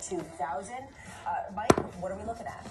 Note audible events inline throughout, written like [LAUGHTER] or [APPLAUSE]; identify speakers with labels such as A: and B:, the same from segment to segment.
A: 2000. Uh, Mike, what are we looking at?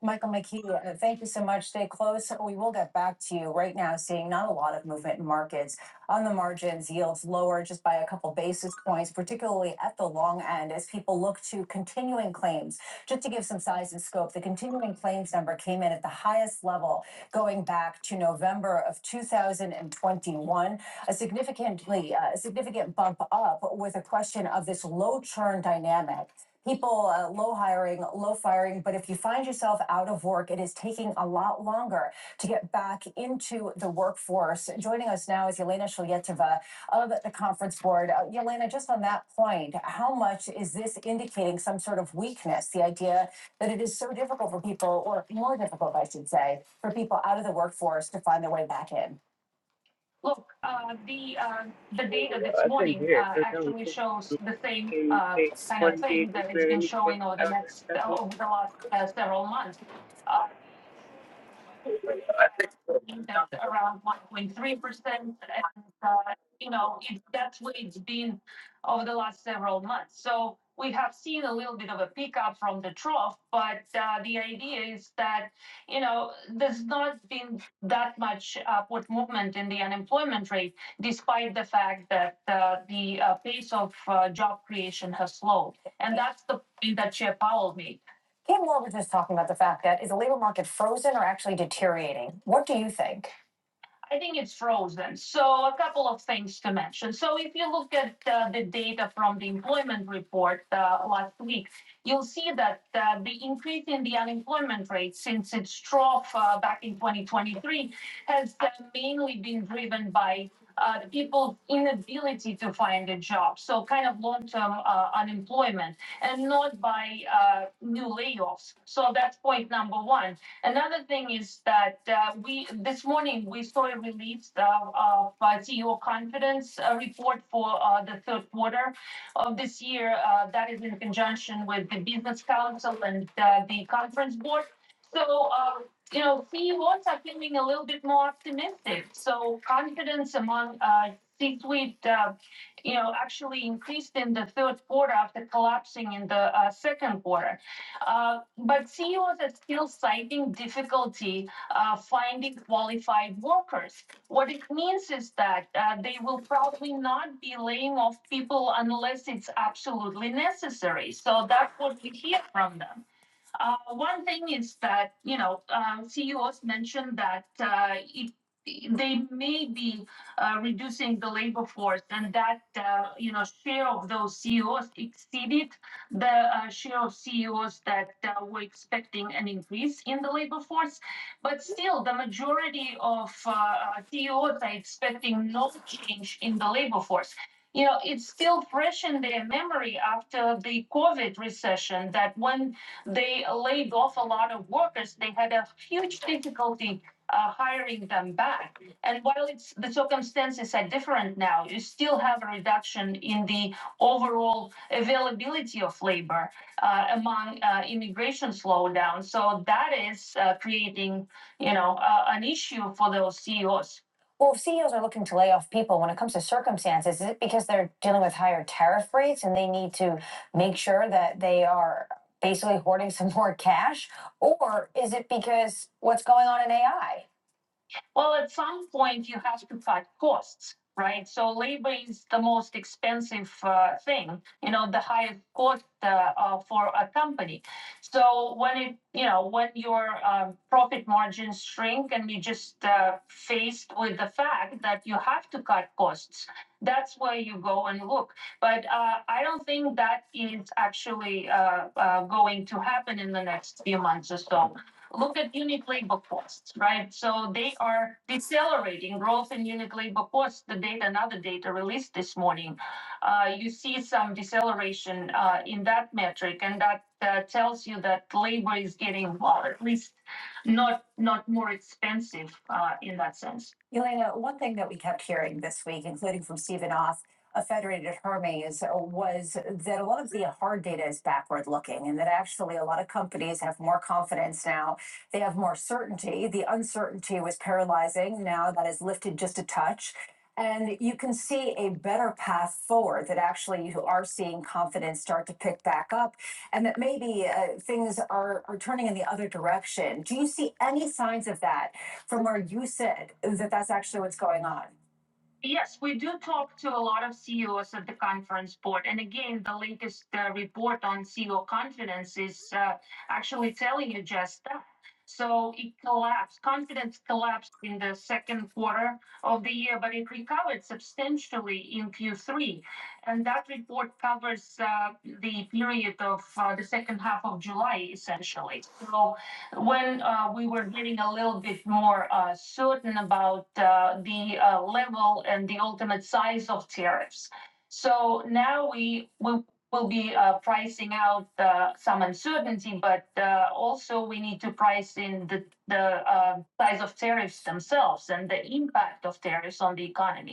A: Michael McKee, uh, thank you so much. Stay close. We will get back to you right now, seeing not a lot of movement in markets. On the margins, yields lower just by a couple basis points, particularly at the long end, as people look to continuing claims. Just to give some size and scope, the continuing claims number came in at the highest level going back to November of 2021, a significantly uh, significant bump up with a question of this low churn dynamic people uh, low hiring, low firing. But if you find yourself out of work, it is taking a lot longer to get back into the workforce. Joining us now is Yelena Shalyetova of the Conference Board. Uh, Yelena, just on that point, how much is this indicating some sort of weakness? The idea that it is so difficult for people, or more difficult, I should say, for people out of the workforce to find their way back in. Look, uh, the, uh, the data this
B: I think
A: morning,
B: we had
A: uh,
B: turned down
A: actually shows
B: the
A: the same,
B: and six. Can
A: uh,
B: they
A: kind of
B: one bid
A: thing
B: and
A: that it's
B: then
A: been
B: any check
A: showing over the
B: out
A: next, uh, over the last uh, several months. Uh, that's around one point three percent. And, uh, you know, it, that's what it's been over the last several months. So we have seen a little bit of a pickup from the trough, but, uh, the idea is that, you know, there's not been that much upward movement in the unemployment rate, despite the fact that, uh, the, uh, pace of, uh, job creation has slowed. And that's the point that Chair Powell made Kim Moore was just talking about the fact that is the labor market frozen or actually deteriorating? What do you think? I think it's frozen. So a couple of things to mention. So if you look at uh, the data from the employment report uh, last week, you'll see that uh, the increase in the unemployment rate since its trough uh, back in 2023 has uh, mainly been driven by uh, people's inability to find a job. So kind of long-term uh, unemployment and not by uh, new layoffs. So that's point number one. Another thing is that uh, we, this morning, we saw a release of of, uh, CEO confidence uh, report for uh, the third quarter of this year. Uh, That is in conjunction with the Business Council and uh, the Conference Board. So, uh, you know, CEOs are feeling a little bit more optimistic. So confidence among uh, C-suite, uh, you know, actually increased in the third quarter after collapsing in the uh, second quarter. Uh, but CEOs are still citing difficulty uh, finding qualified workers. What it means is that uh, they will probably not be laying off people unless it's absolutely necessary. So that's what we hear from them. Uh, one thing is that, you know, um, CEOs mentioned that uh, it, they may be uh, reducing the labor force and that, uh, you know, share of those CEOs exceeded the uh, share of CEOs that uh, were expecting an increase in the labor force. But still, the majority of uh, uh, CEOs are expecting no change in the labor force you know, it's still fresh in their memory after the COVID recession that when they laid off a lot of workers. They had a huge difficulty uh, hiring them back. And while it's the circumstances are different now, you still have a reduction in the overall availability of labor uh, among uh, immigration slowdown. So that is uh, creating, you know, uh, an issue for those CEOs. Well, if CEOs are looking to lay off people when it comes to circumstances, is it because they're dealing with higher tariff rates and they need to make sure that they are basically hoarding some [LAUGHS] more cash? Or is it because what's going on in AI? Well, at some point you have to cut costs, right? So labor is the most expensive uh, thing, you know, the highest cost uh, uh, for a company. So when it, you know, when your um, profit margins shrink and you just uh, faced with the fact that you have to cut costs, that's where you go and look. But uh, I don't think that is actually uh, uh, going to happen in the next few months or so look at unit labor costs, right? So they are decelerating growth in unit labor costs. The data, another data released this morning, uh, you see some deceleration uh, in that metric, and that uh, tells you that labor is getting, well, at least not not more expensive uh, in that sense. Elena, one thing that we kept hearing this week, including from Stephen Off of Federated Hermes, uh, was that a lot of the hard data is backward looking and that actually a lot of companies have more confidence now they have more certainty. The uncertainty was paralyzing. Now that is lifted just a touch. And you can see a better path forward that actually you are seeing confidence start to pick back up and that maybe uh, things are, are turning in the other direction. Do you see any signs of that from where you said that that's actually what's going on? Yes, we do talk to a lot of CEOs at the conference board. And again, the latest uh, report on CEO confidence is uh, actually telling you just that. So it collapsed, confidence collapsed in the second quarter of the year, but it recovered substantially in Q3. And that report covers uh, the period of uh, the second half of July, essentially. So when uh, we were getting a little bit more uh, certain about uh, the uh, level and the ultimate size of tariffs. So now we will will be uh, pricing out uh, some uncertainty, but uh, also we need to price in the the uh, size of tariffs themselves and the impact of tariffs on the economy.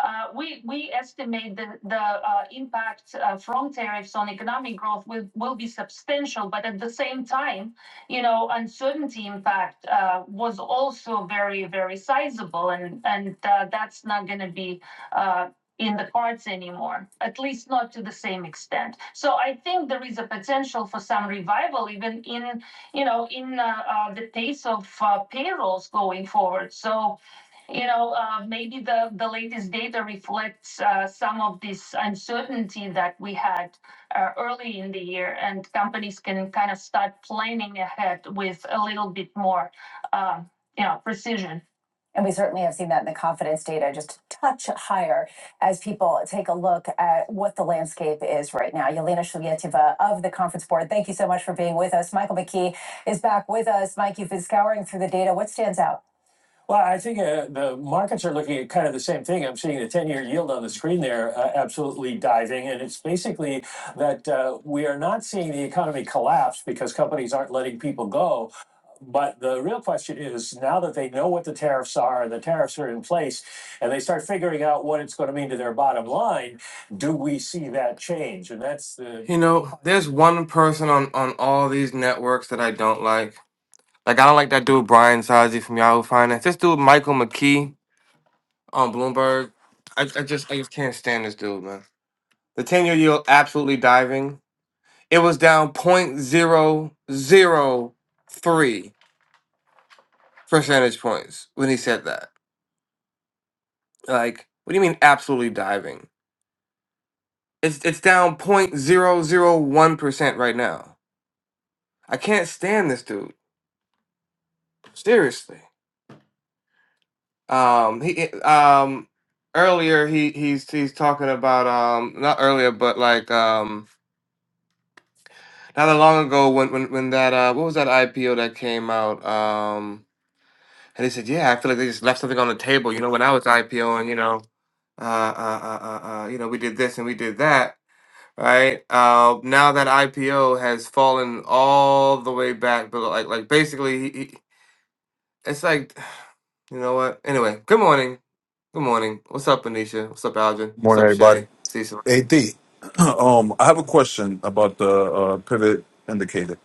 A: Uh, we we estimate that the uh, impact uh, from tariffs on economic growth will will be substantial, but at the same time, you know, uncertainty impact uh, was also very very sizable, and and uh, that's not going to be. Uh, in the cards anymore, at least not to the same extent. So I think there is a potential for some revival, even in you know in uh, uh, the pace of uh, payrolls going forward. So you know, uh, maybe the, the latest data reflects uh, some of this uncertainty that we had uh, early in the year, and companies can kind of start planning ahead with a little bit more, um, you know, precision. And we certainly have seen that in the confidence data just a touch higher as people take a look at what the landscape is right now. Yelena Shulyetiva of the Conference Board, thank you so much for being with us. Michael McKee is back with us. Mike, you've been scouring through the data. What stands out? You know, there's one person on on all these networks that I don't like. Like I don't like that dude Brian Sazi from Yahoo Finance. This dude Michael McKee on Bloomberg. I, I just I just can't stand this dude, man. The ten year yield absolutely diving. It was down point zero zero three percentage points when he said that. Like, what do you mean absolutely diving? It's it's down point zero zero one percent right now. I can't stand this dude. Seriously. Um he um earlier he he's he's talking about um not earlier but like um not that long ago when when when that uh what was that IPO that came out um and he said, "Yeah, I feel like they just left something on the table, you know, when I was IPOing, you know, uh uh uh uh, uh you know, we did this and we did that." Right uh, now, that IPO has fallen all the way back, but like, like basically, he, he, it's like, [SIGHS] you know what? Anyway, good morning. Good morning. What's up, Anisha? What's up, Algin? What's
C: Morning,
A: up,
C: everybody.
A: Shay? Cecil?
C: Ad, [CLEARS THROAT] um, I have a question about the uh, pivot indicator.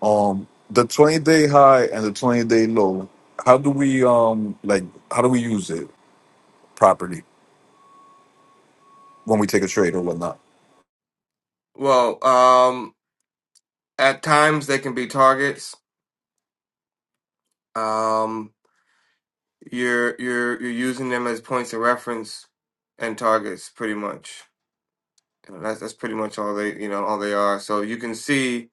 C: Um, the twenty day high and the twenty day low. How do we um like? How do we use it properly when we take a trade or whatnot?
A: Well, um, at times they can be targets. Um, you're you're you're using them as points of reference and targets, pretty much. You know, that's that's pretty much all they you know all they are. So you can see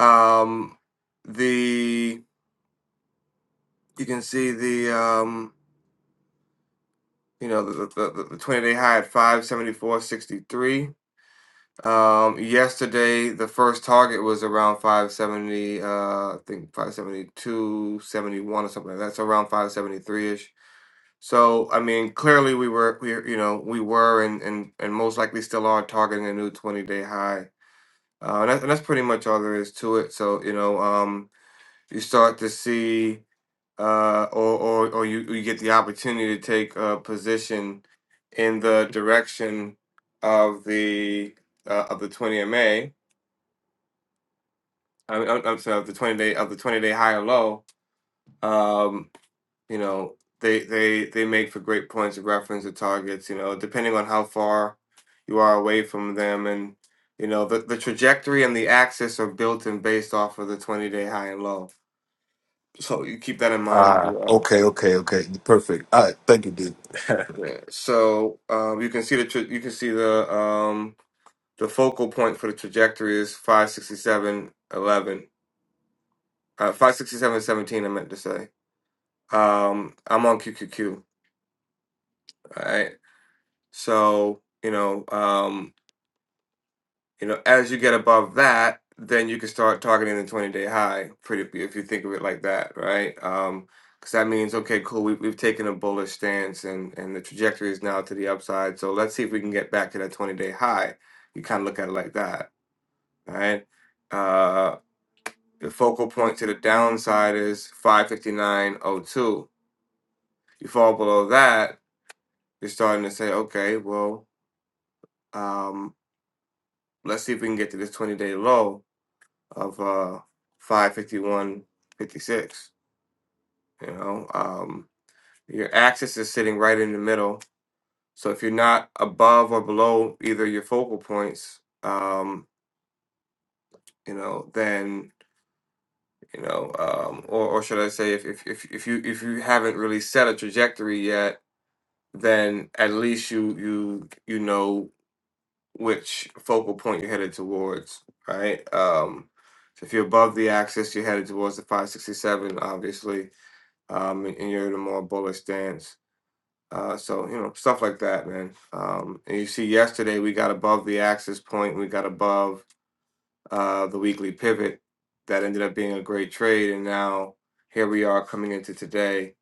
A: um, the you can see the um, you know the the, the, the twenty day high at five seventy four sixty three. Um, yesterday, the first target was around 570, uh, I think five seventy two, seventy one, or something like that. So around 573-ish. So, I mean, clearly we were, we, you know, we were and, and, and most likely still are targeting a new 20-day high. Uh, and, that, and that's pretty much all there is to it. So, you know, um, you start to see, uh, or, or, or you, you get the opportunity to take a position in the direction of the, uh, of the 20 MA I mean, I'm, I'm sorry, of the 20 day of the 20 day high or low, um, you know, they they they make for great points of reference or targets, you know, depending on how far you are away from them and you know, the, the trajectory and the axis are built and based off of the 20 day high and low. So you keep that in mind as
C: Ah,
A: well.
C: okay, okay, okay, perfect. All right, thank you, dude. [LAUGHS]
A: Yeah. So um, you can see the tra- you can see the um, the focal point for the trajectory is 567.11. Uh, 567.17 I meant to say. Um, I'm on QQQ. right? So, you know, um, you know, as you get above that, then you can start targeting the 20-day high, pretty if you think of it like that, right? Um, because that means, okay, cool, we, we've taken a bullish stance and and the trajectory is now to the upside. So let's see if we can get back to that 20-day high. You kind of look at it like that, right? Uh, the focal point to the downside is 559.02. You fall below that, you're starting to say, okay, well, um, Let's see if we can get to this 20 day low of uh 551.56. You know, um, your axis is sitting right in the middle. So if you're not above or below either your focal points, um, you know, then you know, um, or, or should I say, if, if if if you if you haven't really set a trajectory yet, then at least you you you know which focal point you're headed towards, right? Um, so if you're above the axis, you're headed towards the 567, obviously, um, and you're in a more bullish stance. Uh, so you know stuff like that, man. Um, and you see, yesterday we got above the axis point, we got above uh, the weekly pivot. That ended up being a great trade, and now here we are coming into today,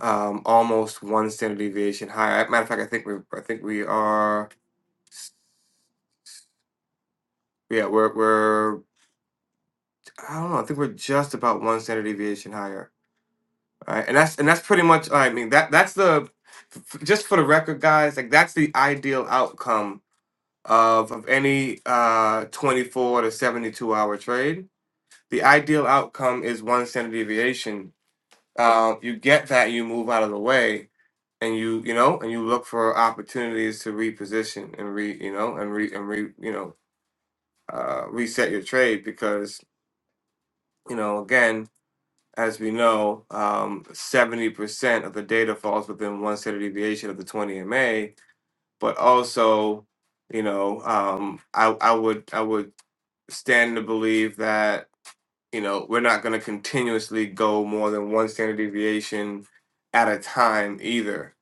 A: um, almost one standard deviation higher. Matter of fact, I think we, I think we are, yeah, we're we're I don't know. I think we're just about one standard deviation higher. All right, and that's and that's pretty much. I mean that that's the f- just for the record, guys. Like that's the ideal outcome of of any uh 24 to 72 hour trade. The ideal outcome is one standard deviation. Uh, you get that, you move out of the way, and you you know, and you look for opportunities to reposition and re you know and re and re you know uh, reset your trade because you know again As we know, um, 70% of the data falls within one standard deviation of the 20 MA, but also, you know, um, I, I would I would stand to believe that you know we're not going to continuously go more than one standard deviation at a time either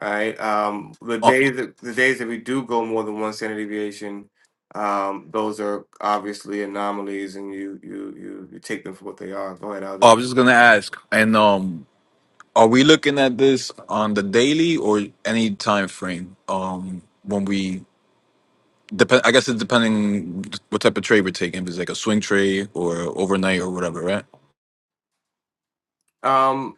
A: right um the
C: Uh,
A: days that the days that we do go more than one standard deviation um those are obviously anomalies and you you you, you take them for what they are go ahead
C: I
A: alvin
C: was just gonna ask, and um, are we looking at this on the daily or any time frame? Um, when we Dep- I guess it's depending what type of trade we're taking. If it's like a swing trade or overnight or whatever, right?
A: Um,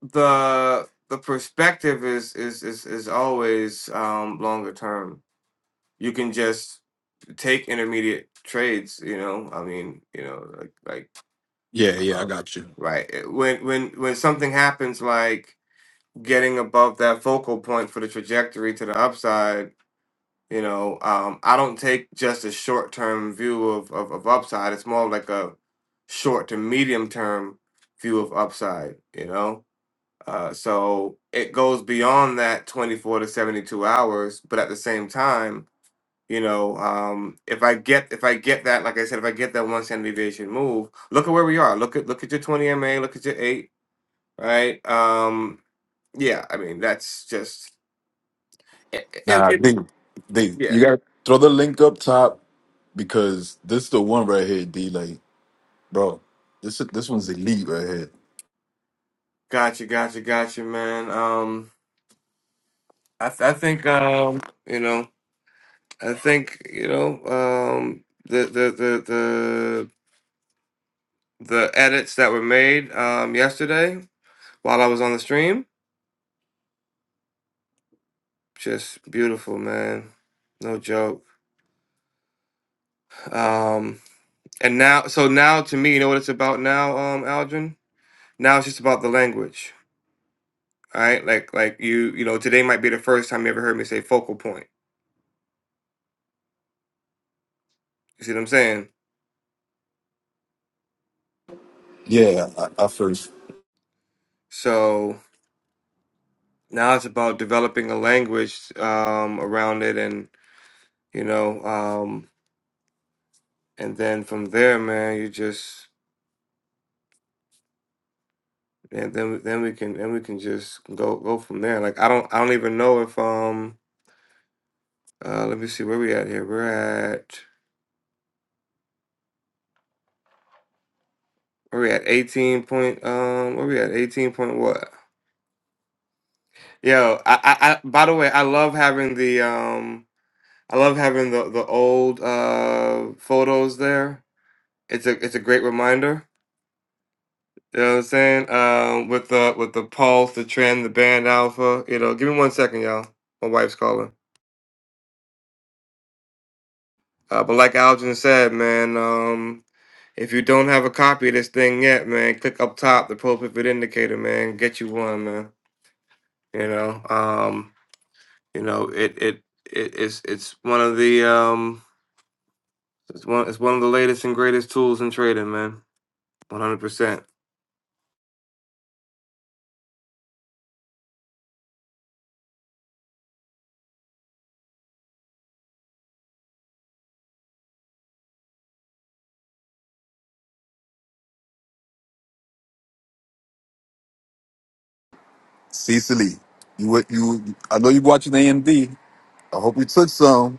A: the the perspective is is is is always um longer term. You can just take intermediate trades. You know, I mean, you know, like like
C: Yeah, yeah, I
A: um,
C: got you.
A: right it- when when when something happens, like getting above that focal point for the trajectory to the upside. You know, um, I don't take just a short term view of, of of upside. It's more like a short to medium term view of upside. You know Uh, so it goes beyond that 24 to 72 hours, but at the same time, you know, um, if I get if I get that, like I said, if I get that one standard deviation move, look at where we are. Look at look at your 20 MA, look at your eight, right? Um, yeah, I mean that's just it, it,
C: Nah,
A: it
C: D, D,
A: yeah.
C: you got throw the link up top because this is the one right here, D. Like, bro, this this one's elite right here.
A: Gotcha, gotcha, gotcha, man. Um, I th- I think um, you know, I think you know, um, the the the the the edits that were made um, yesterday while I was on the stream. Just beautiful, man. No joke. Um, and now, so now to me, you know what it's about now, um, Aldrin? Now it's just about the language, all right? Like, like you, you know, today might be the first time you ever heard me say focal point. You see what I'm saying?
C: Yeah, I, I first
A: So now it's about developing a language um, around it, and you know, um, and then from there, man, you just and then then we can then we can just go go from there. Like I don't I don't even know if um Uh, let me see where we at here. We're at where we at eighteen point. Um, where we at eighteen point what? Yo, I, I, I by the way, I love having the um, I love having the the old uh photos there. It's a it's a great reminder. You know what I'm saying? Um, with the with the pulse, the trend, the band alpha. You know, give me one second, y'all. My wife's calling. Uh, but like Algin said, man, um, if you don't have a copy of this thing yet, man, click up top, the profit indicator, man. Get you one, man. You know, um, you know, it it, it it's it's one of the um, it's one it's one of the latest and greatest tools in trading, man. One hundred percent.
C: Cecily, you wa- you. I know you watching AMD. I hope you took some.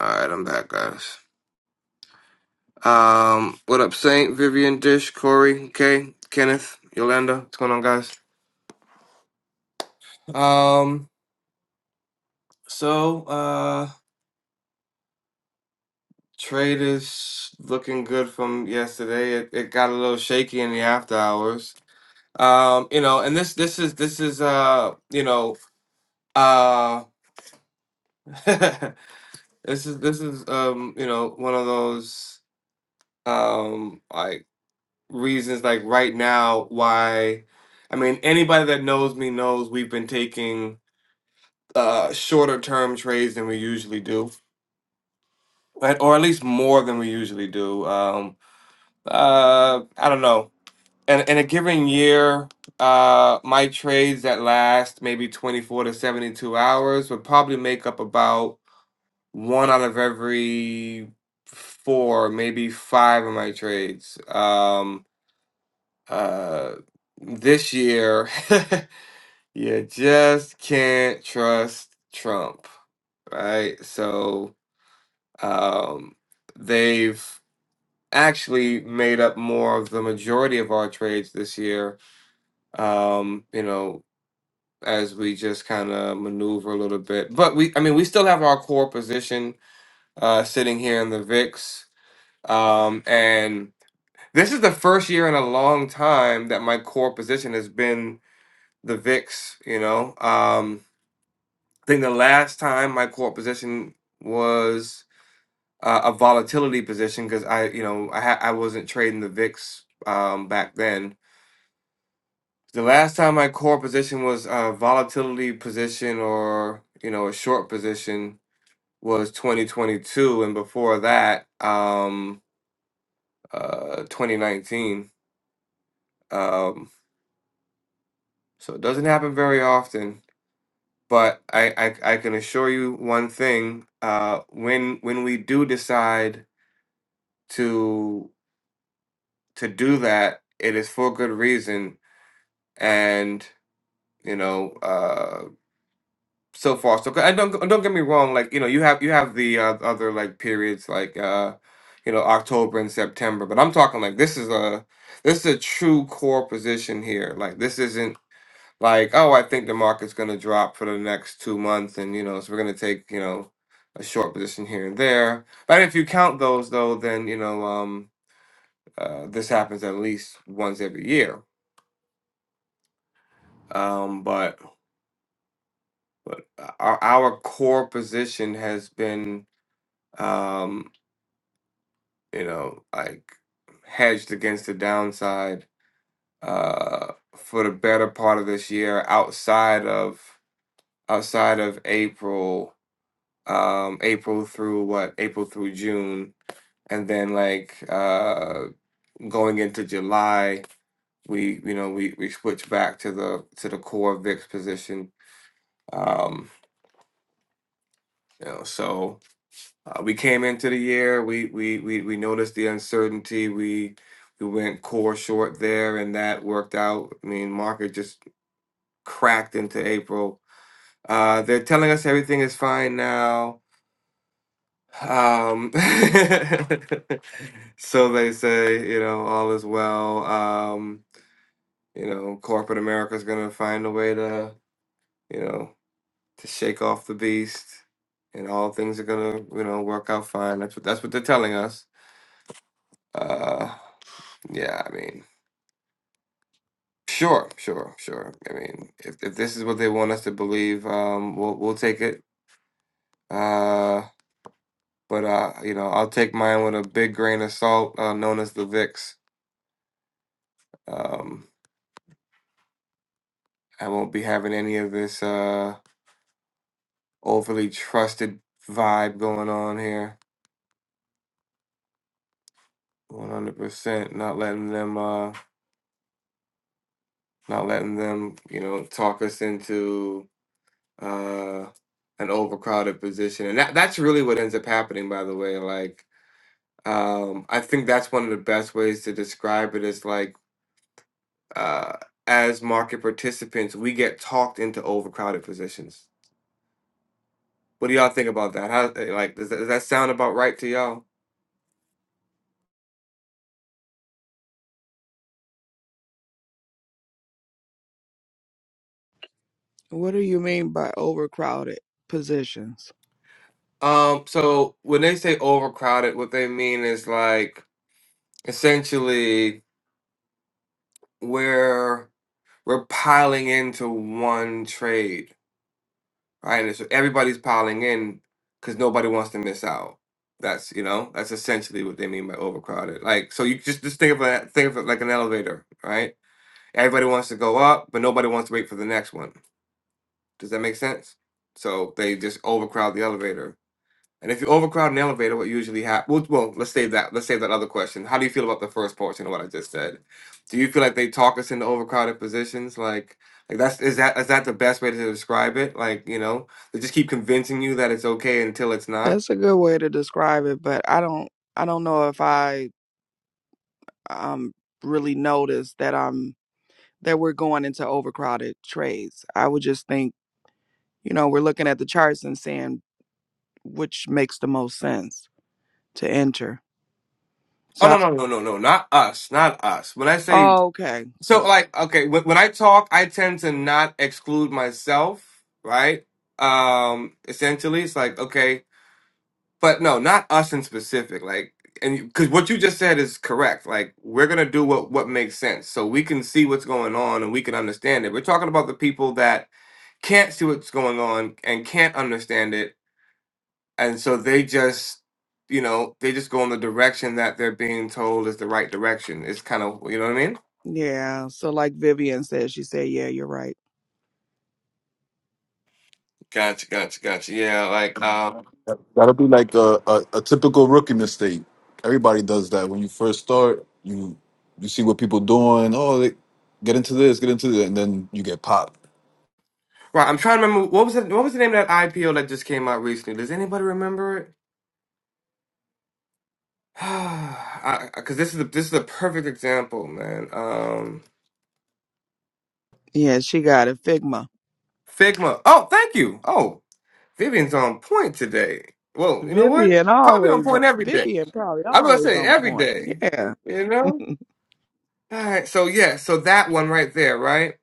A: All right, I'm back, guys. Um, what up, Saint Vivian Dish, Corey, Kay, Kenneth, Yolanda? What's going on, guys? Um, so uh, trade is looking good from yesterday. It it got a little shaky in the after hours. Um, you know, and this this is this is uh, you know, uh [LAUGHS] This is this is um you know one of those um like reasons like right now why I mean anybody that knows me knows we've been taking uh shorter term trades than we usually do right? or at least more than we usually do um uh I don't know in, in a given year uh my trades that last maybe 24 to 72 hours would probably make up about one out of every four, maybe five of my trades. Um, uh, this year, [LAUGHS] you just can't trust Trump, right? So, um, they've actually made up more of the majority of our trades this year. Um, you know, as we just kind of maneuver a little bit, but we, I mean, we still have our core position uh, sitting here in the VIX Um, and this is the first year in a long time that my core position has been the VIX, you know. Um, I think the last time my core position was uh, a volatility position because I, you know, I ha- I wasn't trading the VIX um, back then. The last time my core position was a volatility position or, you know, a short position was 2022 and before that um uh 2019. Um So it doesn't happen very often, but I, I, I can assure you one thing: uh, when when we do decide to to do that, it is for good reason, and you know, uh, so far so good. I don't don't get me wrong. Like you know, you have you have the uh, other like periods like uh, you know October and September, but I'm talking like this is a this is a true core position here. Like this isn't like, oh, I think the market's going to drop for the next two months, and you know, so we're going to take you know a short position here and there. But if you count those though, then you know, um, uh, this happens at least once every year. Um, but but our our core position has been um, you know like hedged against the downside uh, for the better part of this year outside of outside of April um April through what April through June and then like uh going into July we you know we we switch back to the to the core VIX position um you know so uh, we came into the year we we we we noticed the uncertainty we we went core short there and that worked out I mean market just cracked into April uh they're telling us everything is fine now Um, [LAUGHS] so they say, you know, all is well. Um, you know, corporate America's gonna find a way to, you know, to shake off the beast, and all things are gonna, you know, work out fine. That's what that's what they're telling us. Uh, yeah, I mean, sure, sure, sure. I mean, if if this is what they want us to believe, um, we'll we'll take it. Uh, but uh, you know, I'll take mine with a big grain of salt, uh, known as the VIX. Um, I won't be having any of this uh overly trusted vibe going on here. One hundred percent. Not letting them uh not letting them, you know, talk us into uh an overcrowded position. And that that's really what ends up happening by the way. Like um I think that's one of the best ways to describe it is like uh as market participants we get talked into overcrowded positions. What do y'all think about that? How like does that, does that sound about right to y'all?
D: What do you mean by overcrowded positions?
A: Um, so when they say overcrowded, what they mean is like essentially we're we're piling into one trade, right? And so everybody's piling in because nobody wants to miss out. That's you know that's essentially what they mean by overcrowded. Like so you just just think of it think of it like an elevator, right? Everybody wants to go up, but nobody wants to wait for the next one. Does that make sense? So they just overcrowd the elevator. And if you overcrowd an elevator, what usually happens? Well, well, let's save that. Let's save that other question. How do you feel about the first portion of what I just said? Do you feel like they talk us into overcrowded positions? Like, like that's is that is that the best way to describe it? Like, you know, they just keep convincing you that it's okay until it's not.
D: That's a good way to describe it, but I don't I don't know if I um really noticed that I'm that we're going into overcrowded trades. I would just think, you know, we're looking at the charts and seeing which makes the most sense to enter.
A: Oh
D: So I,
A: no no no no no not us not us. When I say
D: oh okay.
A: so,
D: So
A: like okay, when, when I talk, I tend to not exclude myself, right? Um, essentially, it's like okay, but no, not us in specific. Like, and because what you just said is correct. Like, we're gonna do what what makes sense, so we can see what's going on and we can understand it. We're talking about the people that can't see what's going on and can't understand it, and so they just, you know, they just go in the direction that they're being told is the right direction. It's kind of, you know what I mean?
D: yeah, so like Vivian said, she said, "Yeah, you're right."
A: Gotcha, gotcha, gotcha. Yeah, like, uh,
C: That- That'll be like a, a, a typical rookie mistake. Everybody does that when you first start. You you see what people doing. Oh, they, get into this, get into that, and then you get popped.
A: right. I'm trying to remember what was the, what was the name of that IPO that just came out recently. Does anybody remember it? [SIGHS] I Because this is a, this is a perfect example, man. Um,
D: Yeah, she got it. Figma.
A: Figma. Oh, thank you. Oh, Vivian's on point today. Well, you know what?
D: Vivian
A: Probably on
D: always on-
A: point every day.
D: Vivian probably
A: I was I'm gonna
D: always
A: say
D: on
A: every
D: point.
A: day.
D: Yeah.
A: You
D: [LAUGHS]
A: know. All right. So yeah. So that one right there, right?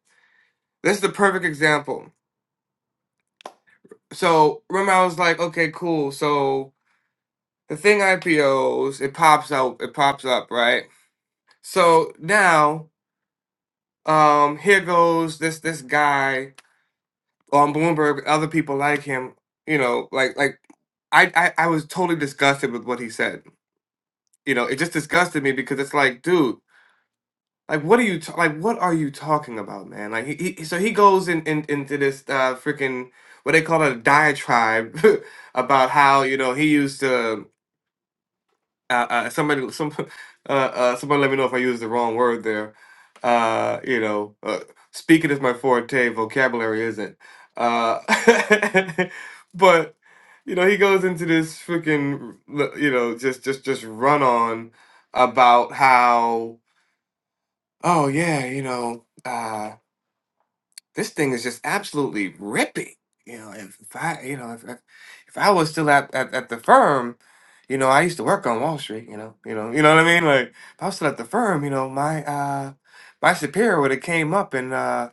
A: This is the perfect example. So remember, I was like, okay, cool. So the thing IPOs, it pops out, it pops up, right? So now, um, here goes this this guy. on Bloomberg, other people like him, you know, like like I, I I was totally disgusted with what he said. You know, it just disgusted me because it's like, dude, like what are you ta- like what are you talking about, man? Like he, he so he goes in, in into this uh freaking what they call it a diatribe [LAUGHS] about how, you know, he used to uh, uh, somebody some [LAUGHS] uh, uh, somebody let me know if I used the wrong word there. Uh, you know, uh, speaking is my forte, vocabulary isn't. Uh, [LAUGHS] but you know, he goes into this freaking you know just just just run on about how oh yeah you know. uh, this thing is just absolutely ripping. You know, if, if I, you know, if, if if I was still at, at, at the firm, you know, I used to work on Wall Street. You know, you know, you know what I mean. Like, if I was still at the firm, you know, my uh, my superior would have came up and, uh,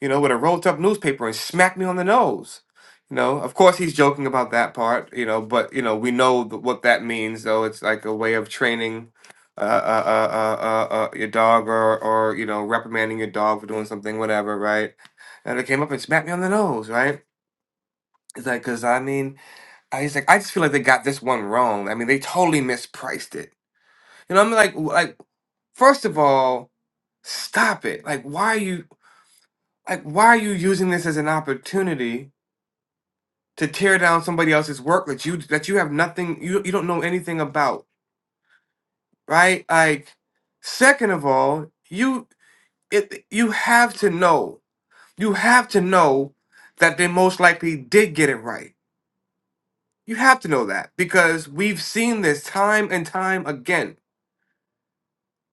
A: you know, would have rolled up newspaper and smacked me on the nose. You know, of course he's joking about that part. You know, but you know we know th- what that means. Though it's like a way of training uh, uh, uh, uh, uh, uh, your dog or, or, you know, reprimanding your dog for doing something, whatever, right? And they came up and smacked me on the nose, right? It's like, cause I mean, I he's like, I just feel like they got this one wrong. I mean, they totally mispriced it. You know, I'm like, w- like first of all, stop it. Like, why are you like why are you using this as an opportunity to tear down somebody else's work that you that you have nothing you you don't know anything about, right? Like, second of all, you it you have to know you have to know that they most likely did get it right You have to know that because we've seen this time and time again.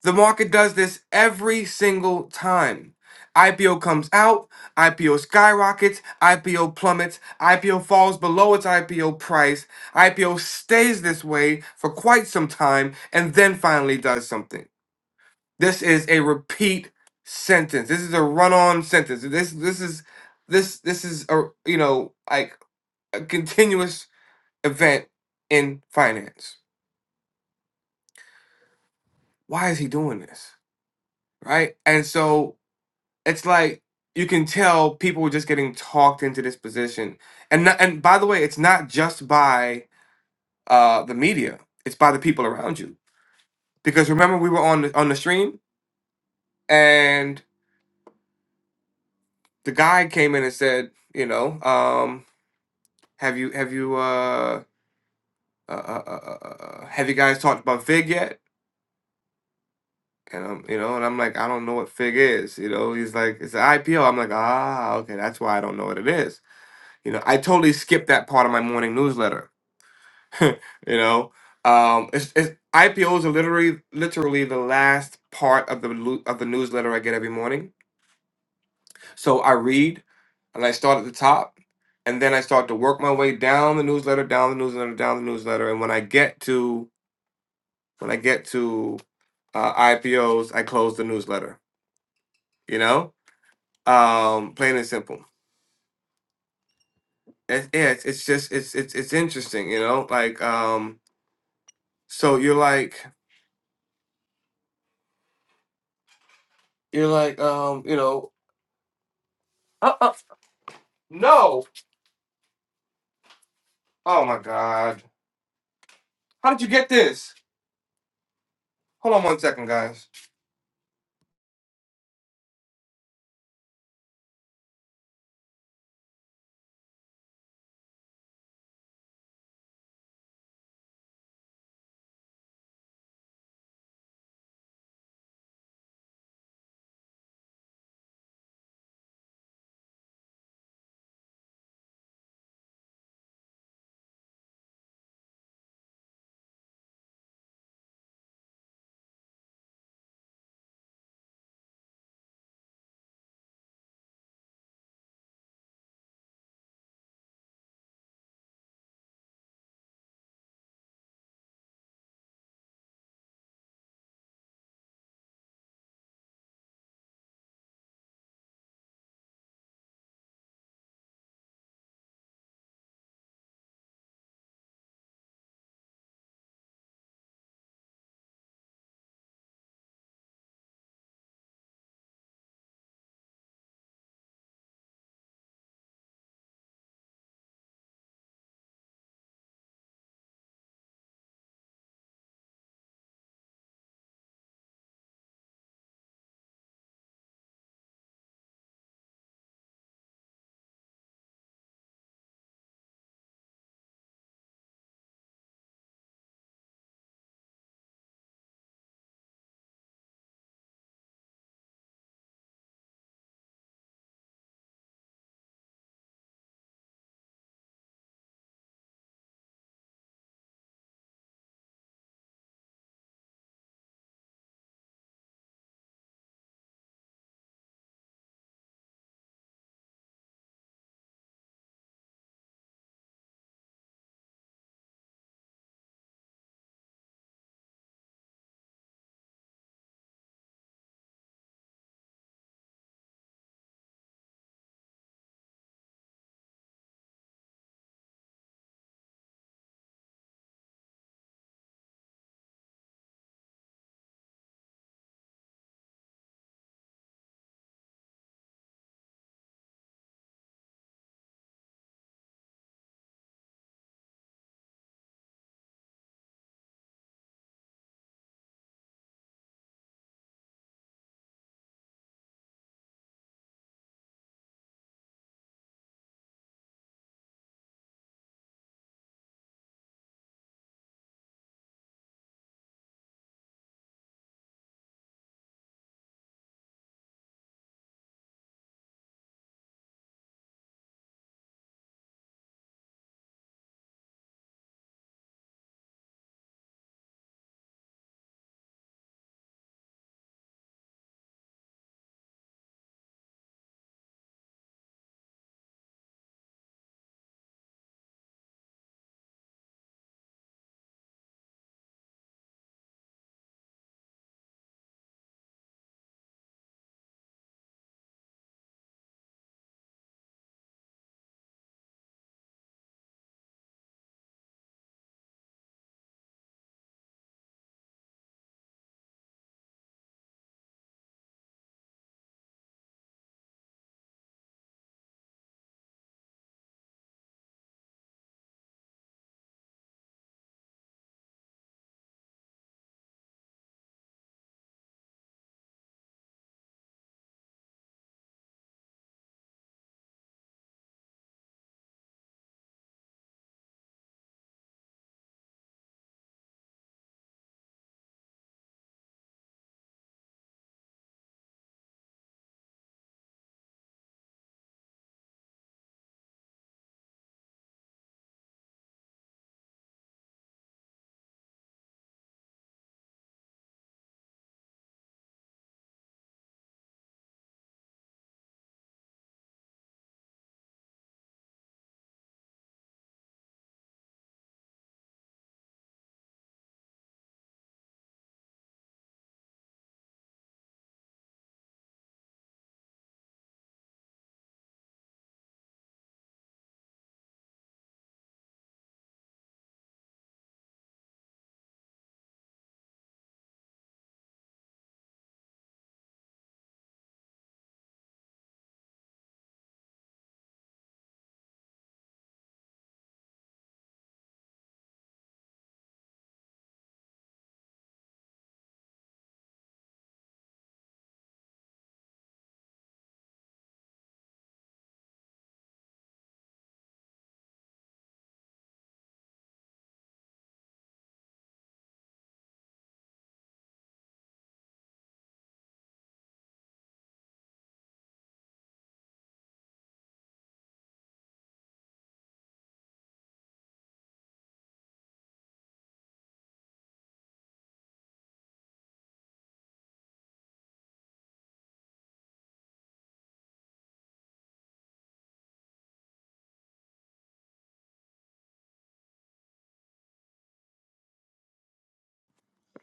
A: The market does this every single time. IPO comes out, IPO skyrockets, IPO plummets, IPO falls below its IPO price, IPO stays this way for quite some time, and then finally does something. This is a repeat sentence. This is a run-on sentence. This this is this this is a you know like a continuous event in finance. why is he doing this? Right? And so it's like you can tell people were just getting talked into this position. And not, and by the way, it's not just by uh, the media; it's by the people around you. Because remember, we were on the, on the stream, and the guy came in and said, you know, um, have you have you uh, uh, uh, uh, uh, uh, have you guys talked about Fig yet? And I'm, you know, and I'm like, I don't know what Fig is. You know, he's like, it's an IPO. I'm like, ah, okay, that's why I don't know what it is. You know, I totally skipped that part of my morning newsletter. [LAUGHS] you know, um, it's, it's, IPOs are literally literally the last part of the lu- of the newsletter I get every morning. So I read, and I start at the top, and then I start to work my way down the newsletter, down the newsletter, down the newsletter, and when I get to when I get to uh, IPOs, I close the newsletter. You know, um, plain and simple. It's, yeah, it's, it's just it's it's it's interesting. You know, like um, so you're like. You're like, um, you know, uh, uh, no. Oh my god, how did you get this? Hold on one second, guys.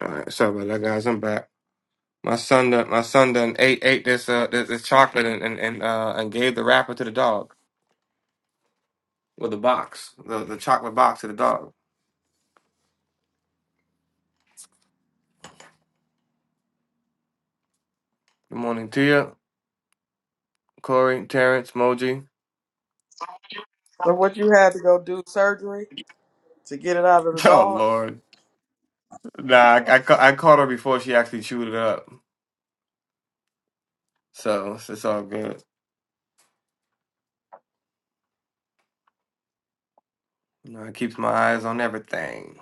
A: All right, sorry about that, guys. I'm back. My son done, my son done ate ate this uh this, this chocolate and and and, uh, and gave the wrapper to the dog with the box, the the chocolate box to the dog. Good morning, Tia, Corey, Terrence, Moji. [LAUGHS]
D: So what you had to go do surgery to get it out of the
A: Oh
D: dog?
A: Lord, nah, I I, ca- I caught her before she actually chewed it up, so it's, it's all good. You it keeps my eyes on everything.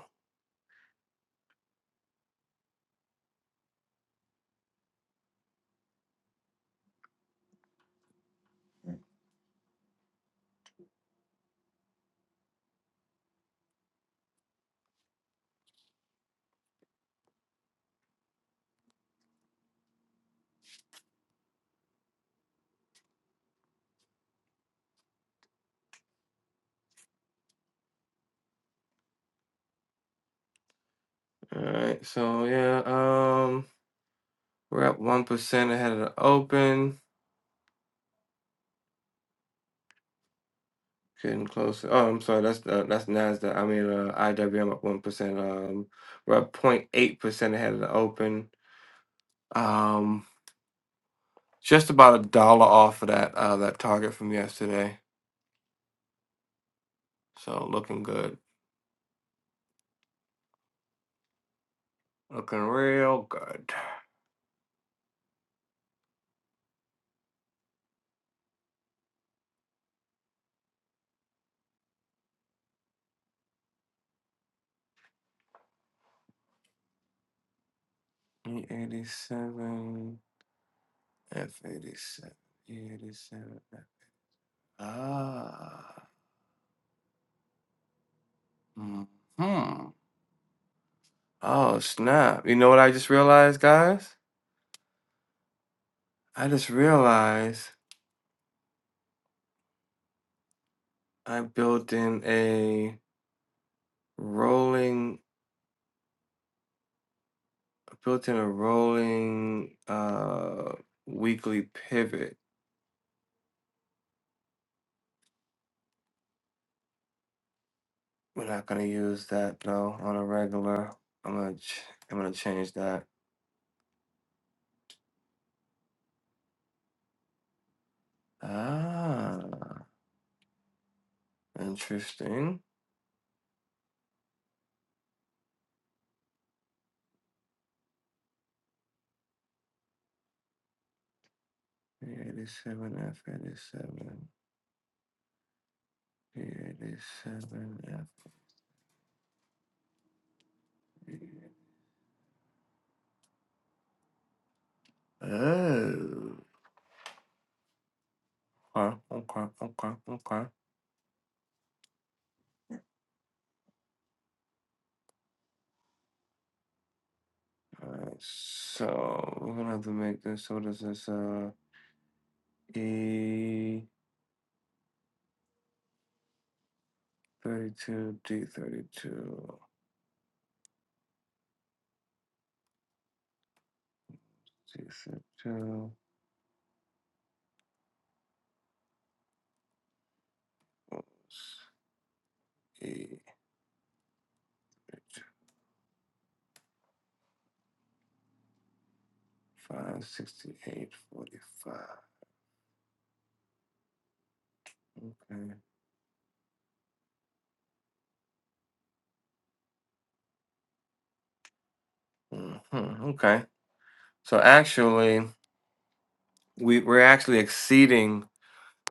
A: All right, so yeah, um. We're up one percent ahead of the open. Getting closer. Oh, I'm sorry. That's uh, that's Nasdaq. I mean, uh, IWM up one percent. Um, we're up zero point 08 percent ahead of the open. Um, just about a dollar off of that uh that target from yesterday. So looking good. Looking real good. E eighty seven. F eighty seven. E eighty seven. Ah. Hmm. Oh snap! You know what I just realized, guys? I just realized I built in a rolling, built in a rolling uh weekly pivot. We're not gonna use that though on a regular. I'm gonna ch- I'm gonna change that. Ah, interesting. P Eighty-seven F eighty-seven. P Eighty-seven F. Oh. Okay, okay, okay, okay. Alright, so we're gonna have to make this. So what is this? Uh, E thirty-two, D thirty-two, C thirty-two plus E thirty-two, five sixty-eight forty-five. Okay. hmm Okay. So actually, we we're actually exceeding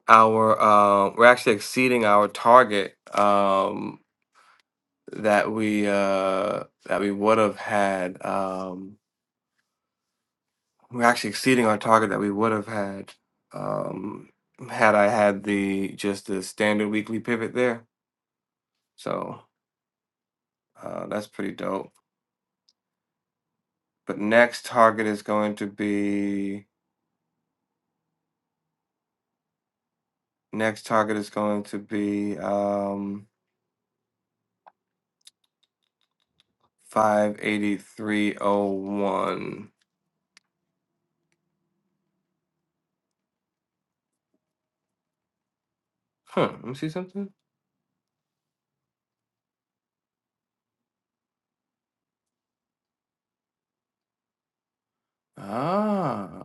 A: our uh, we're actually exceeding our target um, that we uh, that we would have had. Um, We're actually exceeding our target that we would have had um, had I had the just the standard weekly pivot there. So uh, that's pretty dope. But next target is going to be next target is going to be um, five eighty three oh one. Huh. Let me see something. Ah,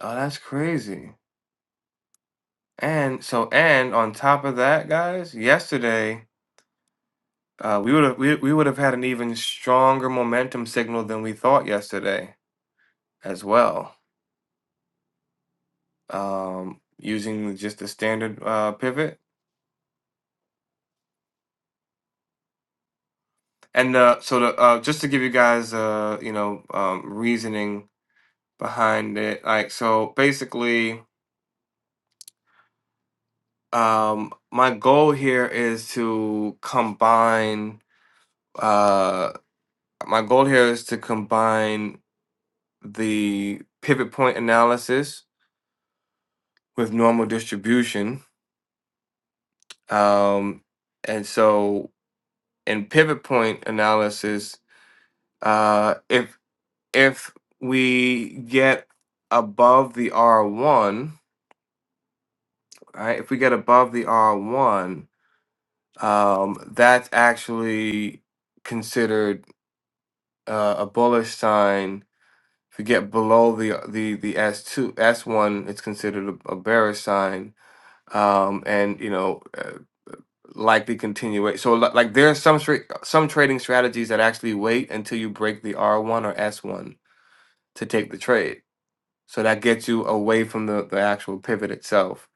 A: oh, that's crazy. And so, and on top of that, guys, yesterday. Uh, we would have we, we would have had an even stronger momentum signal than we thought yesterday as well, um, using just the standard uh, pivot. And uh, so, the, uh, just to give you guys, uh, you know, um, reasoning behind it, like so, basically, um, my goal here is to combine. Uh, my goal here is to combine the pivot point analysis with normal distribution Um, and so in pivot point analysis, uh, if if we get above the R1, right, if we get above the R1, um, that's actually considered uh, a bullish sign. If we get below the the the s two S S1, it's considered a, a bearish sign. Um, and you know, uh, like the continuation. So li- like there are some stra- some trading strategies that actually wait until you break the R1 or S1 to take the trade. So that gets you away from the, the actual pivot itself.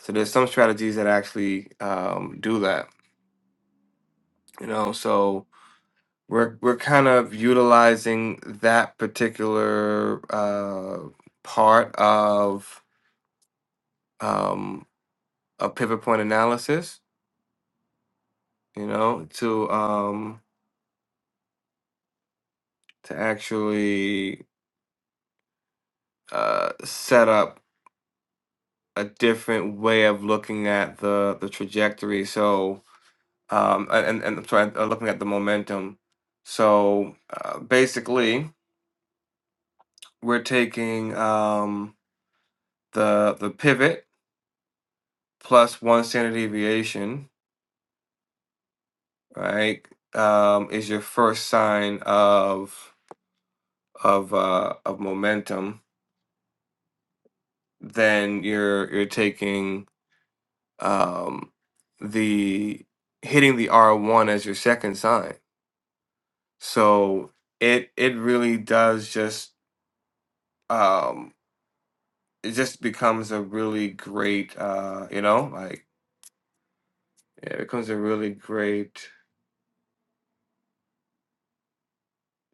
A: So there's some strategies that actually um, do that, you know. So we're we're kind of utilizing that particular uh, part of um, a pivot point analysis, you know, to um, to actually uh, set up a different way of looking at the the trajectory. So um, a- and and I'm sorry, uh, looking at the momentum. So uh, basically, we're taking um, the the pivot plus one standard deviation, right? Um, is your first sign of of uh, of momentum. Then you're you're taking um, the hitting the R one as your second sign So it it really does just um it just becomes a really great uh you know like yeah, it becomes a really great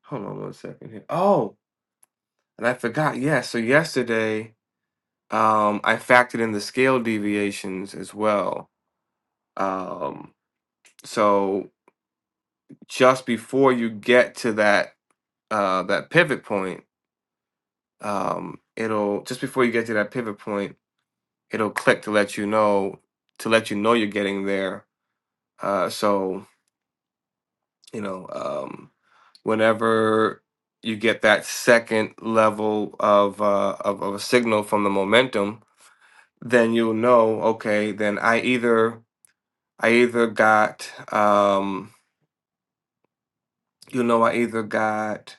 A: hold on one second here. Oh, and I forgot, yeah, so yesterday um I factored in the scale deviations as well. Um so just before you get to that uh that pivot point, um it'll just before you get to that pivot point, it'll click to let you know to let you know you're getting there Uh, so you know, um, whenever you get that second level of, uh, of of a signal from the momentum, then you'll know. Okay, then I either I either got um, you know I either got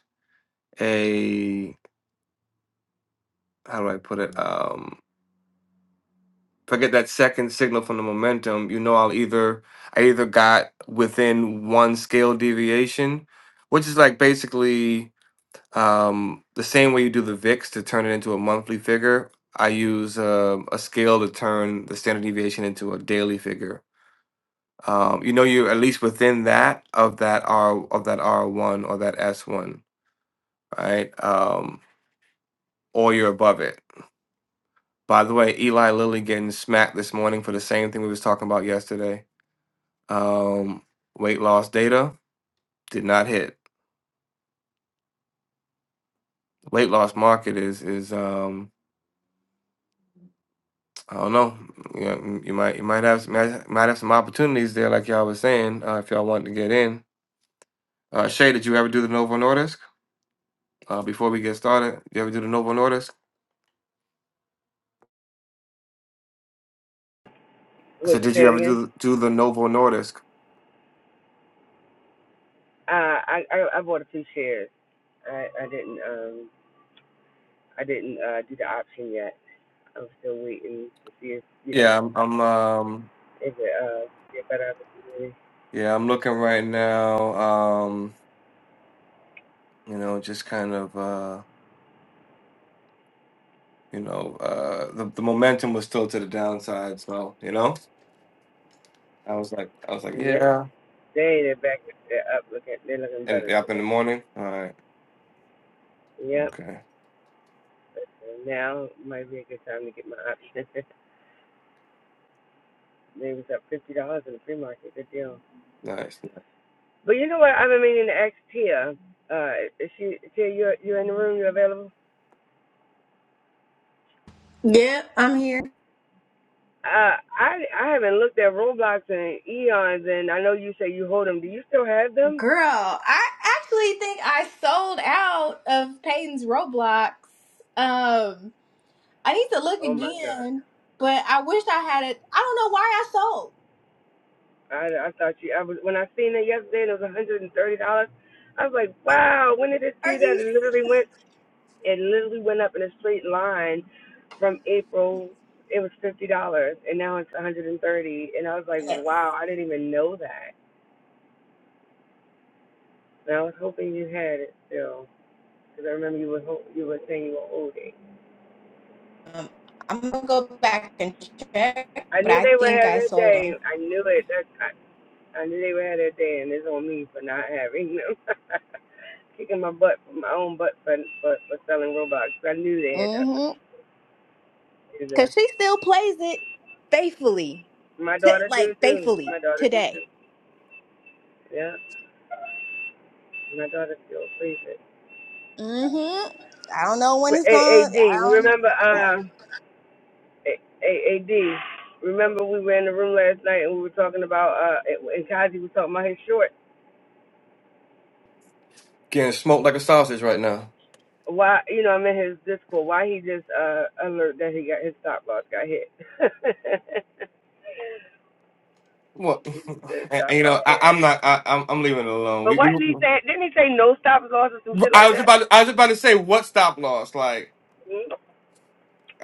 A: a how do I put it um. If I get that second signal from the momentum, you know I'll either I either got within one scale deviation, which is like basically Um, the same way you do the VIX to turn it into a monthly figure, I use um a scale to turn the standard deviation into a daily figure. Um, you know, you're at least within that of that R of that R one or that S one, right? Um, or you're above it. By the way, Eli Lilly getting smacked this morning for the same thing we was talking about yesterday. Um, weight loss data did not hit. Weight loss market is is um I don't know. Yeah, you might you might have might, might have some opportunities there, like y'all was saying, uh, if y'all want to get in. Uh, Shay, did you ever do the Novo Nordisk? Uh, before we get started, you ever do the Novo Nordisk? I
B: Wait a
A: said,
B: minute,
A: did you
B: say it
A: ever
B: again.
A: do the- do the Novo Nordisk?
B: Uh, I, I I bought a few shares. I I didn't um I didn't uh do the option yet. I'm still waiting to see if you know
A: Yeah, I'm, I'm um
B: if it uh get better opportunity.
A: yeah I'm looking right now. Um, you know, just kind of uh you know uh the, the momentum was still to the downside, so you know I was like I was like
B: Yep.
A: yeah,
B: They they're back they're up looking they're looking
A: and
B: better
A: yeah, up in the
B: today.
A: morning. All right,
B: Yep.
A: okay,
B: So now might be a good time to get my option. [LAUGHS] they was up fifty dollars in the free market. Good deal.
A: nice.
B: But you know what? I've been meaning to ask Tia. Uh, if she Tia, you're you're in the room. You're available.
E: Yep, I'm here.
B: Uh, I I haven't looked at Roblox in eons, and I know you say you hold them. Do you still have them?
E: Girl, I actually think I sold out of Peyton's Roblox. Um, I need to look
B: Oh my God!
E: again, but I wish I had it. I don't know why I sold.
B: I I thought you. I was when I seen it yesterday, and it was 130 dollars. I was like, wow, when did it
E: Are
B: do that?
E: you
B: It literally went. It literally went up in a straight line from April. It was fifty dollars, and now it's 130. And thirty. And I was like,
E: serious?
B: wow, I didn't even know that. And I was hoping you had it still. Because I remember you were ho- you were saying you were old
E: Um, I'm gonna go back and check,
B: I
E: but
B: knew
E: I
B: they would
E: think
B: have
E: I
B: their
E: sold
B: day.
E: them.
B: I knew it. That I, I knew they would have their day, and it's on me for not having them. [LAUGHS] Kicking my butt, my own butt for for, for selling robots. I knew they had that
E: Mm-hmm.
B: particular.
E: Cause she still plays it faithfully.
B: My
E: T-
B: daughter do
E: like
B: too.
E: faithfully
B: My daughter do
E: today.
B: too. Yeah, my daughter still plays it.
E: Mm-hmm. I don't know when
B: But
E: it's
B: A A
E: going. I
B: D.
E: don't
B: Remember
E: yeah.
B: uh A A A D. Remember we were in the room last night and we were talking about uh and Kazi was talking about his shorts
A: Getting smoked like a sausage right now.
B: why you know I'm in his Discord. Why he just uh alert that he got his stop loss got hit? [LAUGHS]
A: Well,
B: he
A: [LAUGHS]
B: said
A: and-
B: stop
A: and, you
B: loss
A: know, I,
B: hit.
A: I'm not. I, I'm, I'm leaving it alone.
B: But
A: We, we.
B: why didn't he say? Didn't he say no stop loss or some shit
A: I
B: like
A: was
B: that?
A: about. I was about to say what stop loss. Like,
B: Mm-hmm.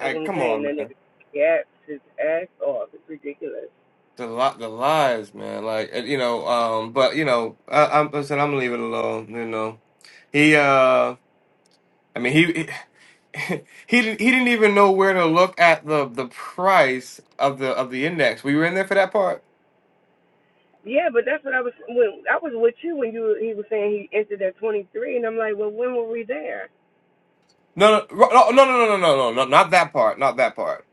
B: That's what I'm
A: come
B: saying.
A: on,
B: That
A: man.
B: nigga gaps his ass off. It's ridiculous.
A: The lot, the lies, man. Like, and, you know. Um, but you know, I, I'm. Listen, I'm leaving it alone. You know, he. Uh, I mean, he. He, [LAUGHS] he didn't. He didn't even know where to look at the the price of the of the index. We were you in there for that part.
B: Yeah, but that's what I was when I was with you when you he was saying he entered at 23, and I'm like, well, when were we there?
A: No, no, no, no, no, no, no, no, no, no, not that part. Not that part.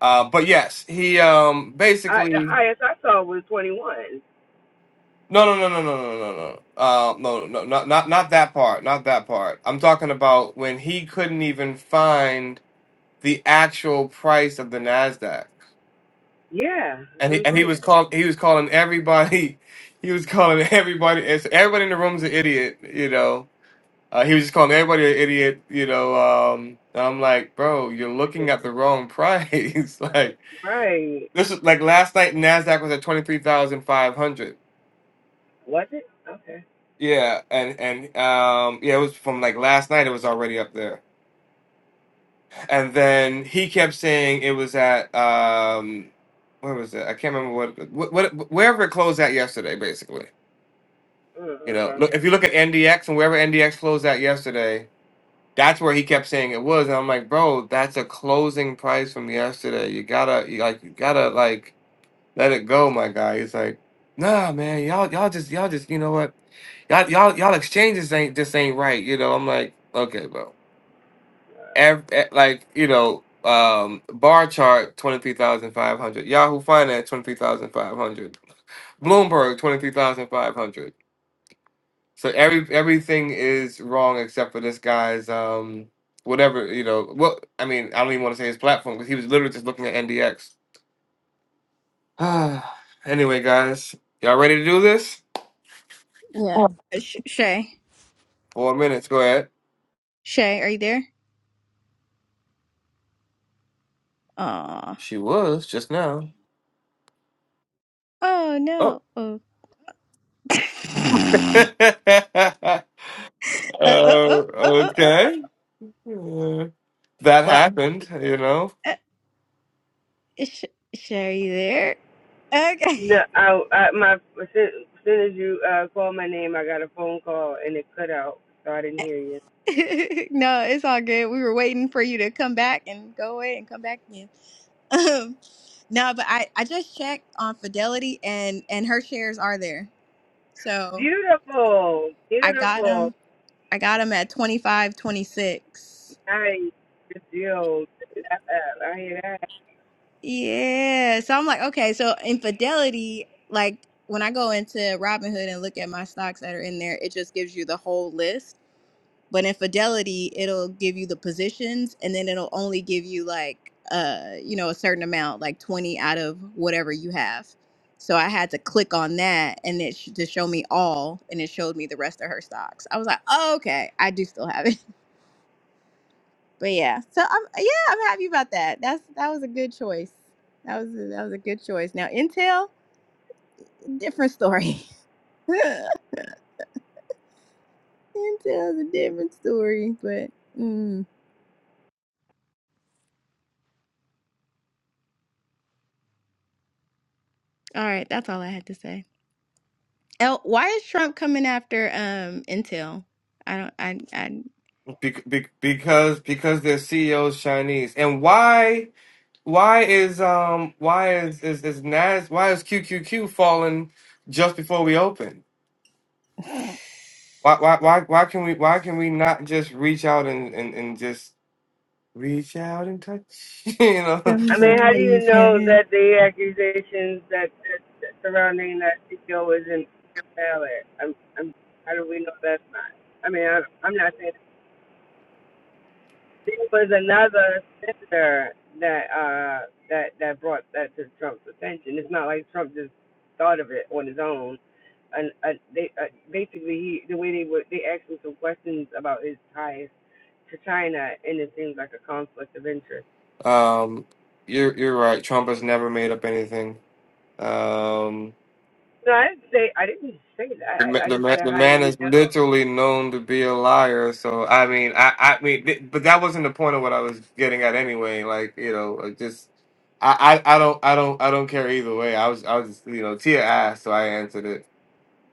A: Uh, but yes, he um
B: I the
A: basically.
B: highest I saw was 21.
A: No, no, no, no, no, no, no, no. Uh, no, no, not not not that part. Not that part. I'm talking about when he couldn't even find the actual price of the Nasdaq,
B: Yeah, that's
A: and
B: what
A: he
B: I'm
A: and he was
B: saying.
A: call he was calling everybody, [LAUGHS] he was calling everybody. It's, everybody in the room's an idiot, you know. Uh, he was just calling everybody an idiot, you know. Um, and I'm like, bro, you're looking at the wrong price. [LAUGHS] like
B: Right.
A: this is like last night, Nasdaq was at twenty three thousand five hundred.
B: Was it? Okay.
A: Yeah, and and um yeah, it was from like last night it was already up there. And then he kept saying it was at um where was it? I can't remember what what, what wherever it closed at yesterday basically.
B: Mm,
A: You know,
B: okay.
A: look if you look at NDX and wherever NDX closed at yesterday, that's where he kept saying it was and I'm like, "Bro, that's a closing price from yesterday. You got to you like you got to like let it go, my guy. He's like, nah, man, y'all, y'all just, y'all just, you know what, y'all, y'all, y'all exchanges ain't just ain't right. You know, I'm like, okay, bro. Every, like, you know, um, bar chart twenty three thousand five hundred. Yahoo Finance twenty three thousand five hundred. Bloomberg twenty three thousand five hundred. So every everything is wrong except for this guy's um whatever you know. Well, I mean, I don't even want to say his platform because he was literally just looking at NDX. [SIGHS] anyway, guys, y'all ready to do this?
E: Yeah. Sh- Shay.
A: Four minutes. Go ahead.
E: Shay, are you there? Aw.
A: She was just now.
E: Oh
A: Oh.
E: no. Oh. [LAUGHS]
A: [LAUGHS]
E: uh,
A: uh,
E: uh, uh, uh, uh, uh. uh.
A: okay. Uh, that
E: Well,
A: happened, you know,
E: uh, Sh- Shay, are you there?
B: No,
E: Okay.
B: I, I my as soon as soon as you uh, called my name, I got a phone call and it cut out, so I didn't hear you.
E: [LAUGHS] no, it's all good. We were waiting for you to come back and go away and come back again. [LAUGHS] Um, no, but I I just checked on Fidelity and and her shares are there. So
B: Beautiful,
E: I got
B: beautiful,
E: them. I got them at twenty five, twenty six.
B: nice, good deal. Good F F. I hear that.
E: Yeah. So I'm like, okay, so infidelity, like when I go into Robinhood and look at my stocks that are in there, it just gives you the whole list. But infidelity, it'll give you the positions and then it'll only give you like uh, you know, a certain amount, like 20 out of whatever you have. So I had to click on that and it sh- to show me all and it showed me the rest of her stocks. I was like, oh, okay, I do still have it. But yeah, so I'm yeah, I'm happy about that. That's that was a good choice. That was a, that was a good choice. Now Intel, different story. [LAUGHS] Intel's a different story, but mm. all right, that's all I had to say. El, why is Trump coming after um Intel? I don't I
A: be- be- because because their CEO's Chinese. And why why is um why is is is Nas why is QQQ falling just before we open?
E: I
A: Why why why why can we why can we not just reach out and and, and just reach out and touch? [LAUGHS] you know,
E: [SIGHS]
B: I mean, how do you
E: somebody's
B: know
E: hand.
B: that the accusations that, that surrounding that CEO isn't valid? I'm, I'm, how do we know that's not? I mean, I, I'm not saying. There was another senator that uh that that brought that to Trump's attention. It's not like Trump just thought of it on his own. And uh, they uh, basically he the way they were they asked him some questions about his ties to China, and it seems like a conflict of interest.
A: Um, you're you're right. Trump has never made up anything. Um,
B: No, I didn't say I didn't say
A: the
B: that.
A: ma-
B: I
A: the
B: just
A: man,
B: said
A: the
B: how do
A: man
B: we
A: is
B: know?
A: literally known to be a liar. So I mean, I I mean, th- but that wasn't the point of what I was getting at anyway. Like you know, I just I I, I don't I don't I don't care either way. I was I was just, you know Tia asked, so I answered it.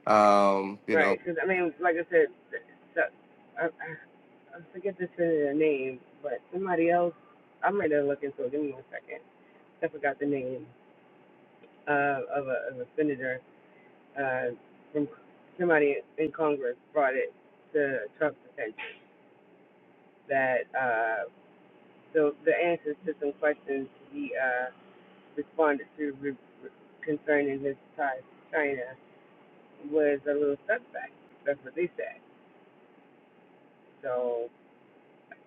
A: Um, you know,
B: Right? Because I mean, like I said, the, I, I forget the senator name, but somebody else. I'm ready to look into it. Give me one second. I forgot the name. uh, of, a, of a senator uh, from somebody in Congress brought it to Trump's attention that uh, so the answers to some questions he uh, responded to re- concerning his ties to China was a little suspect. That's what they said. So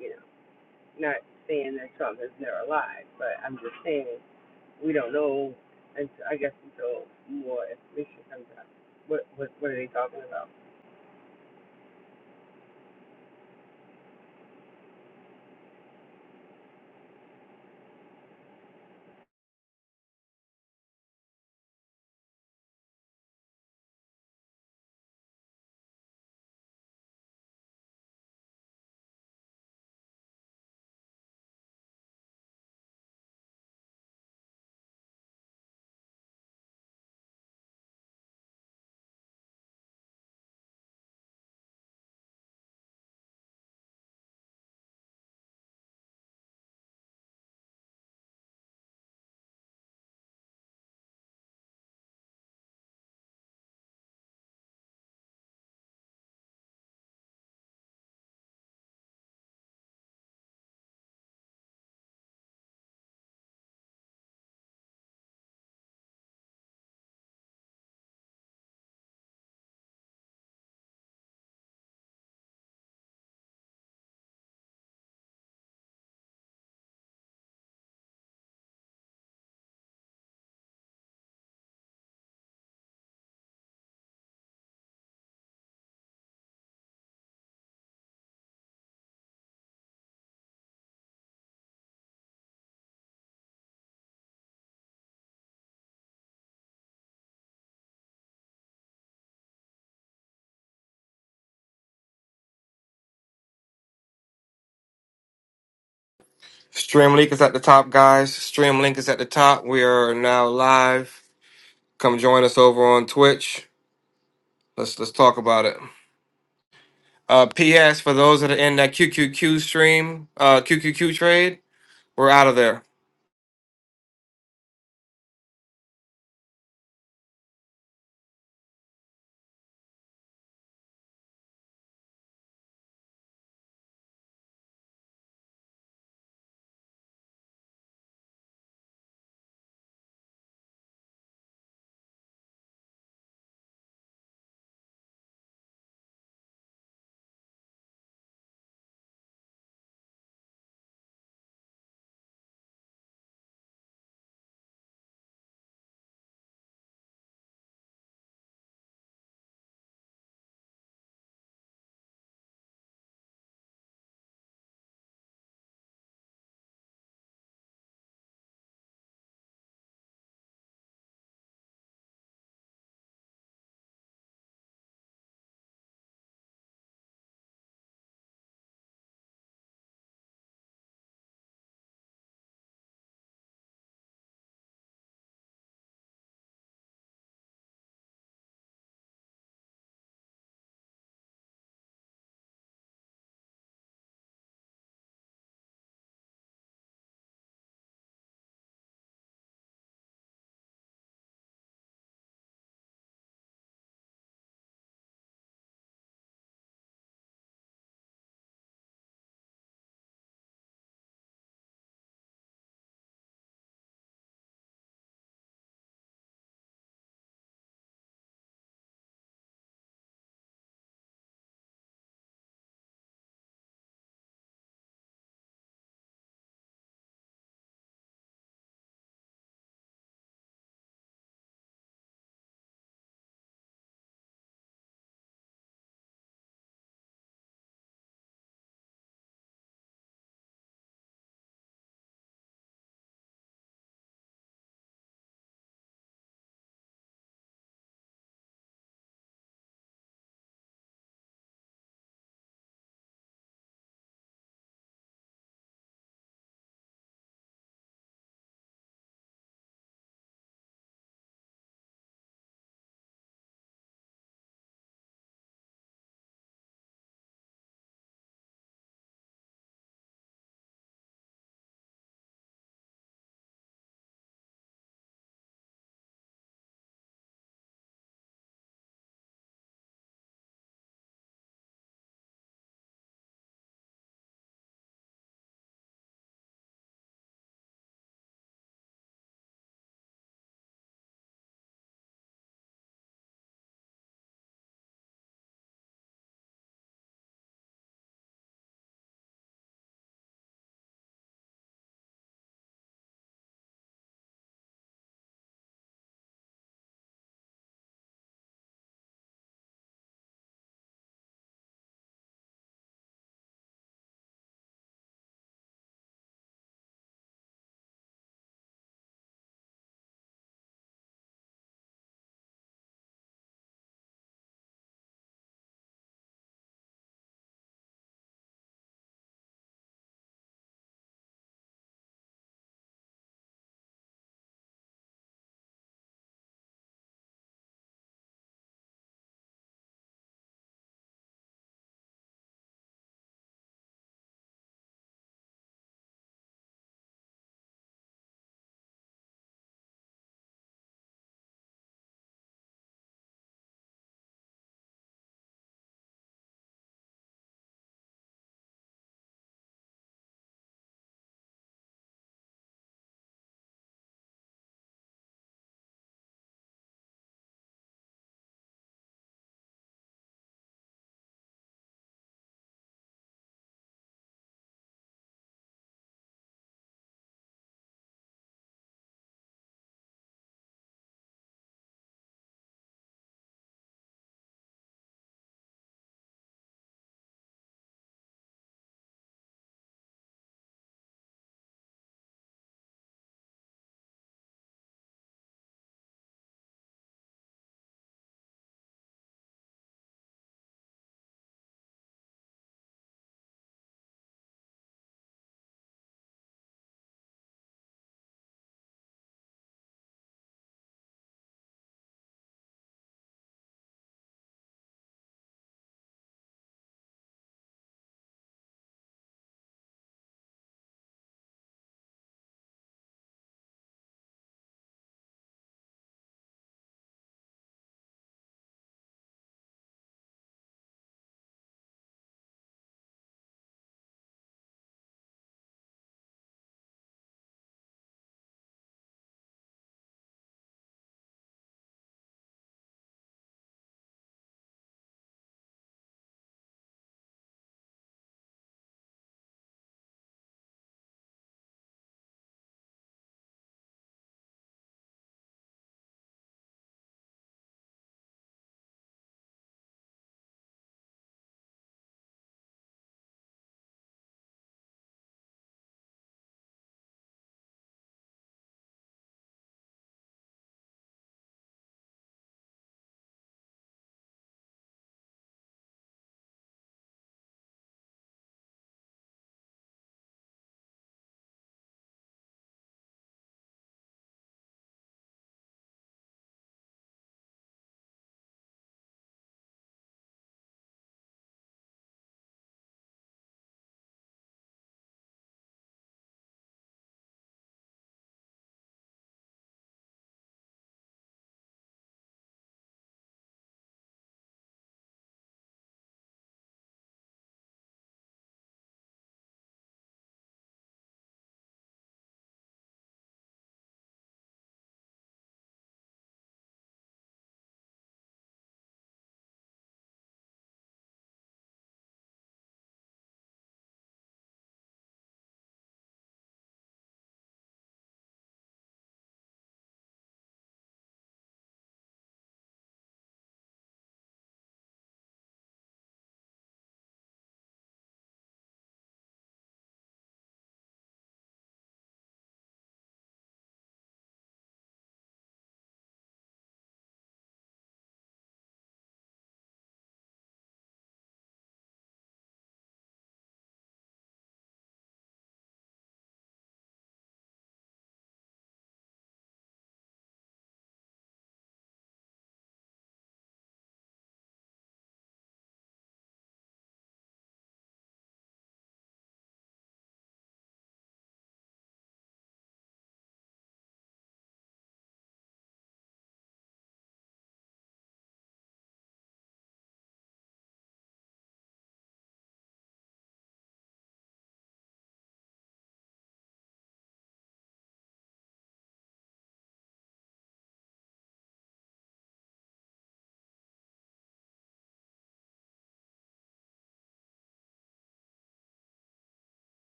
B: you know, not saying that Trump is never alive, but I'm just saying we don't know. And I guess until more information comes out. What what what are they talking about?
A: Streamlink is at the top, guys. Streamlink is at the top. We are now live. Come join us over on Twitch. Let's let's talk about it. Uh, P.S. For those that are in that QQQ stream, uh, QQQ trade, we're out of there.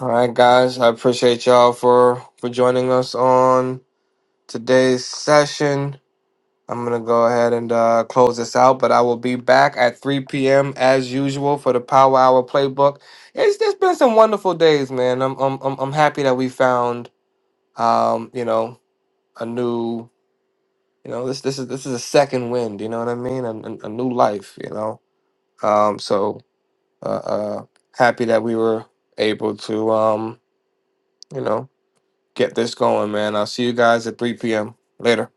A: All right, guys. I appreciate y'all for for joining us on today's session. I'm gonna go ahead and uh, close this out, but I will be back at 3 p.m. as usual for the Power Hour playbook. It's it's been some wonderful days, man. I'm I'm I'm, I'm happy that we found um you know a new you know this this is this is a second wind. You know what I mean? A, a, a new life. You know. Um. So uh, uh, happy that we were able to, um, you know, get this going, man. I'll see you guys at 3 p.m. Later.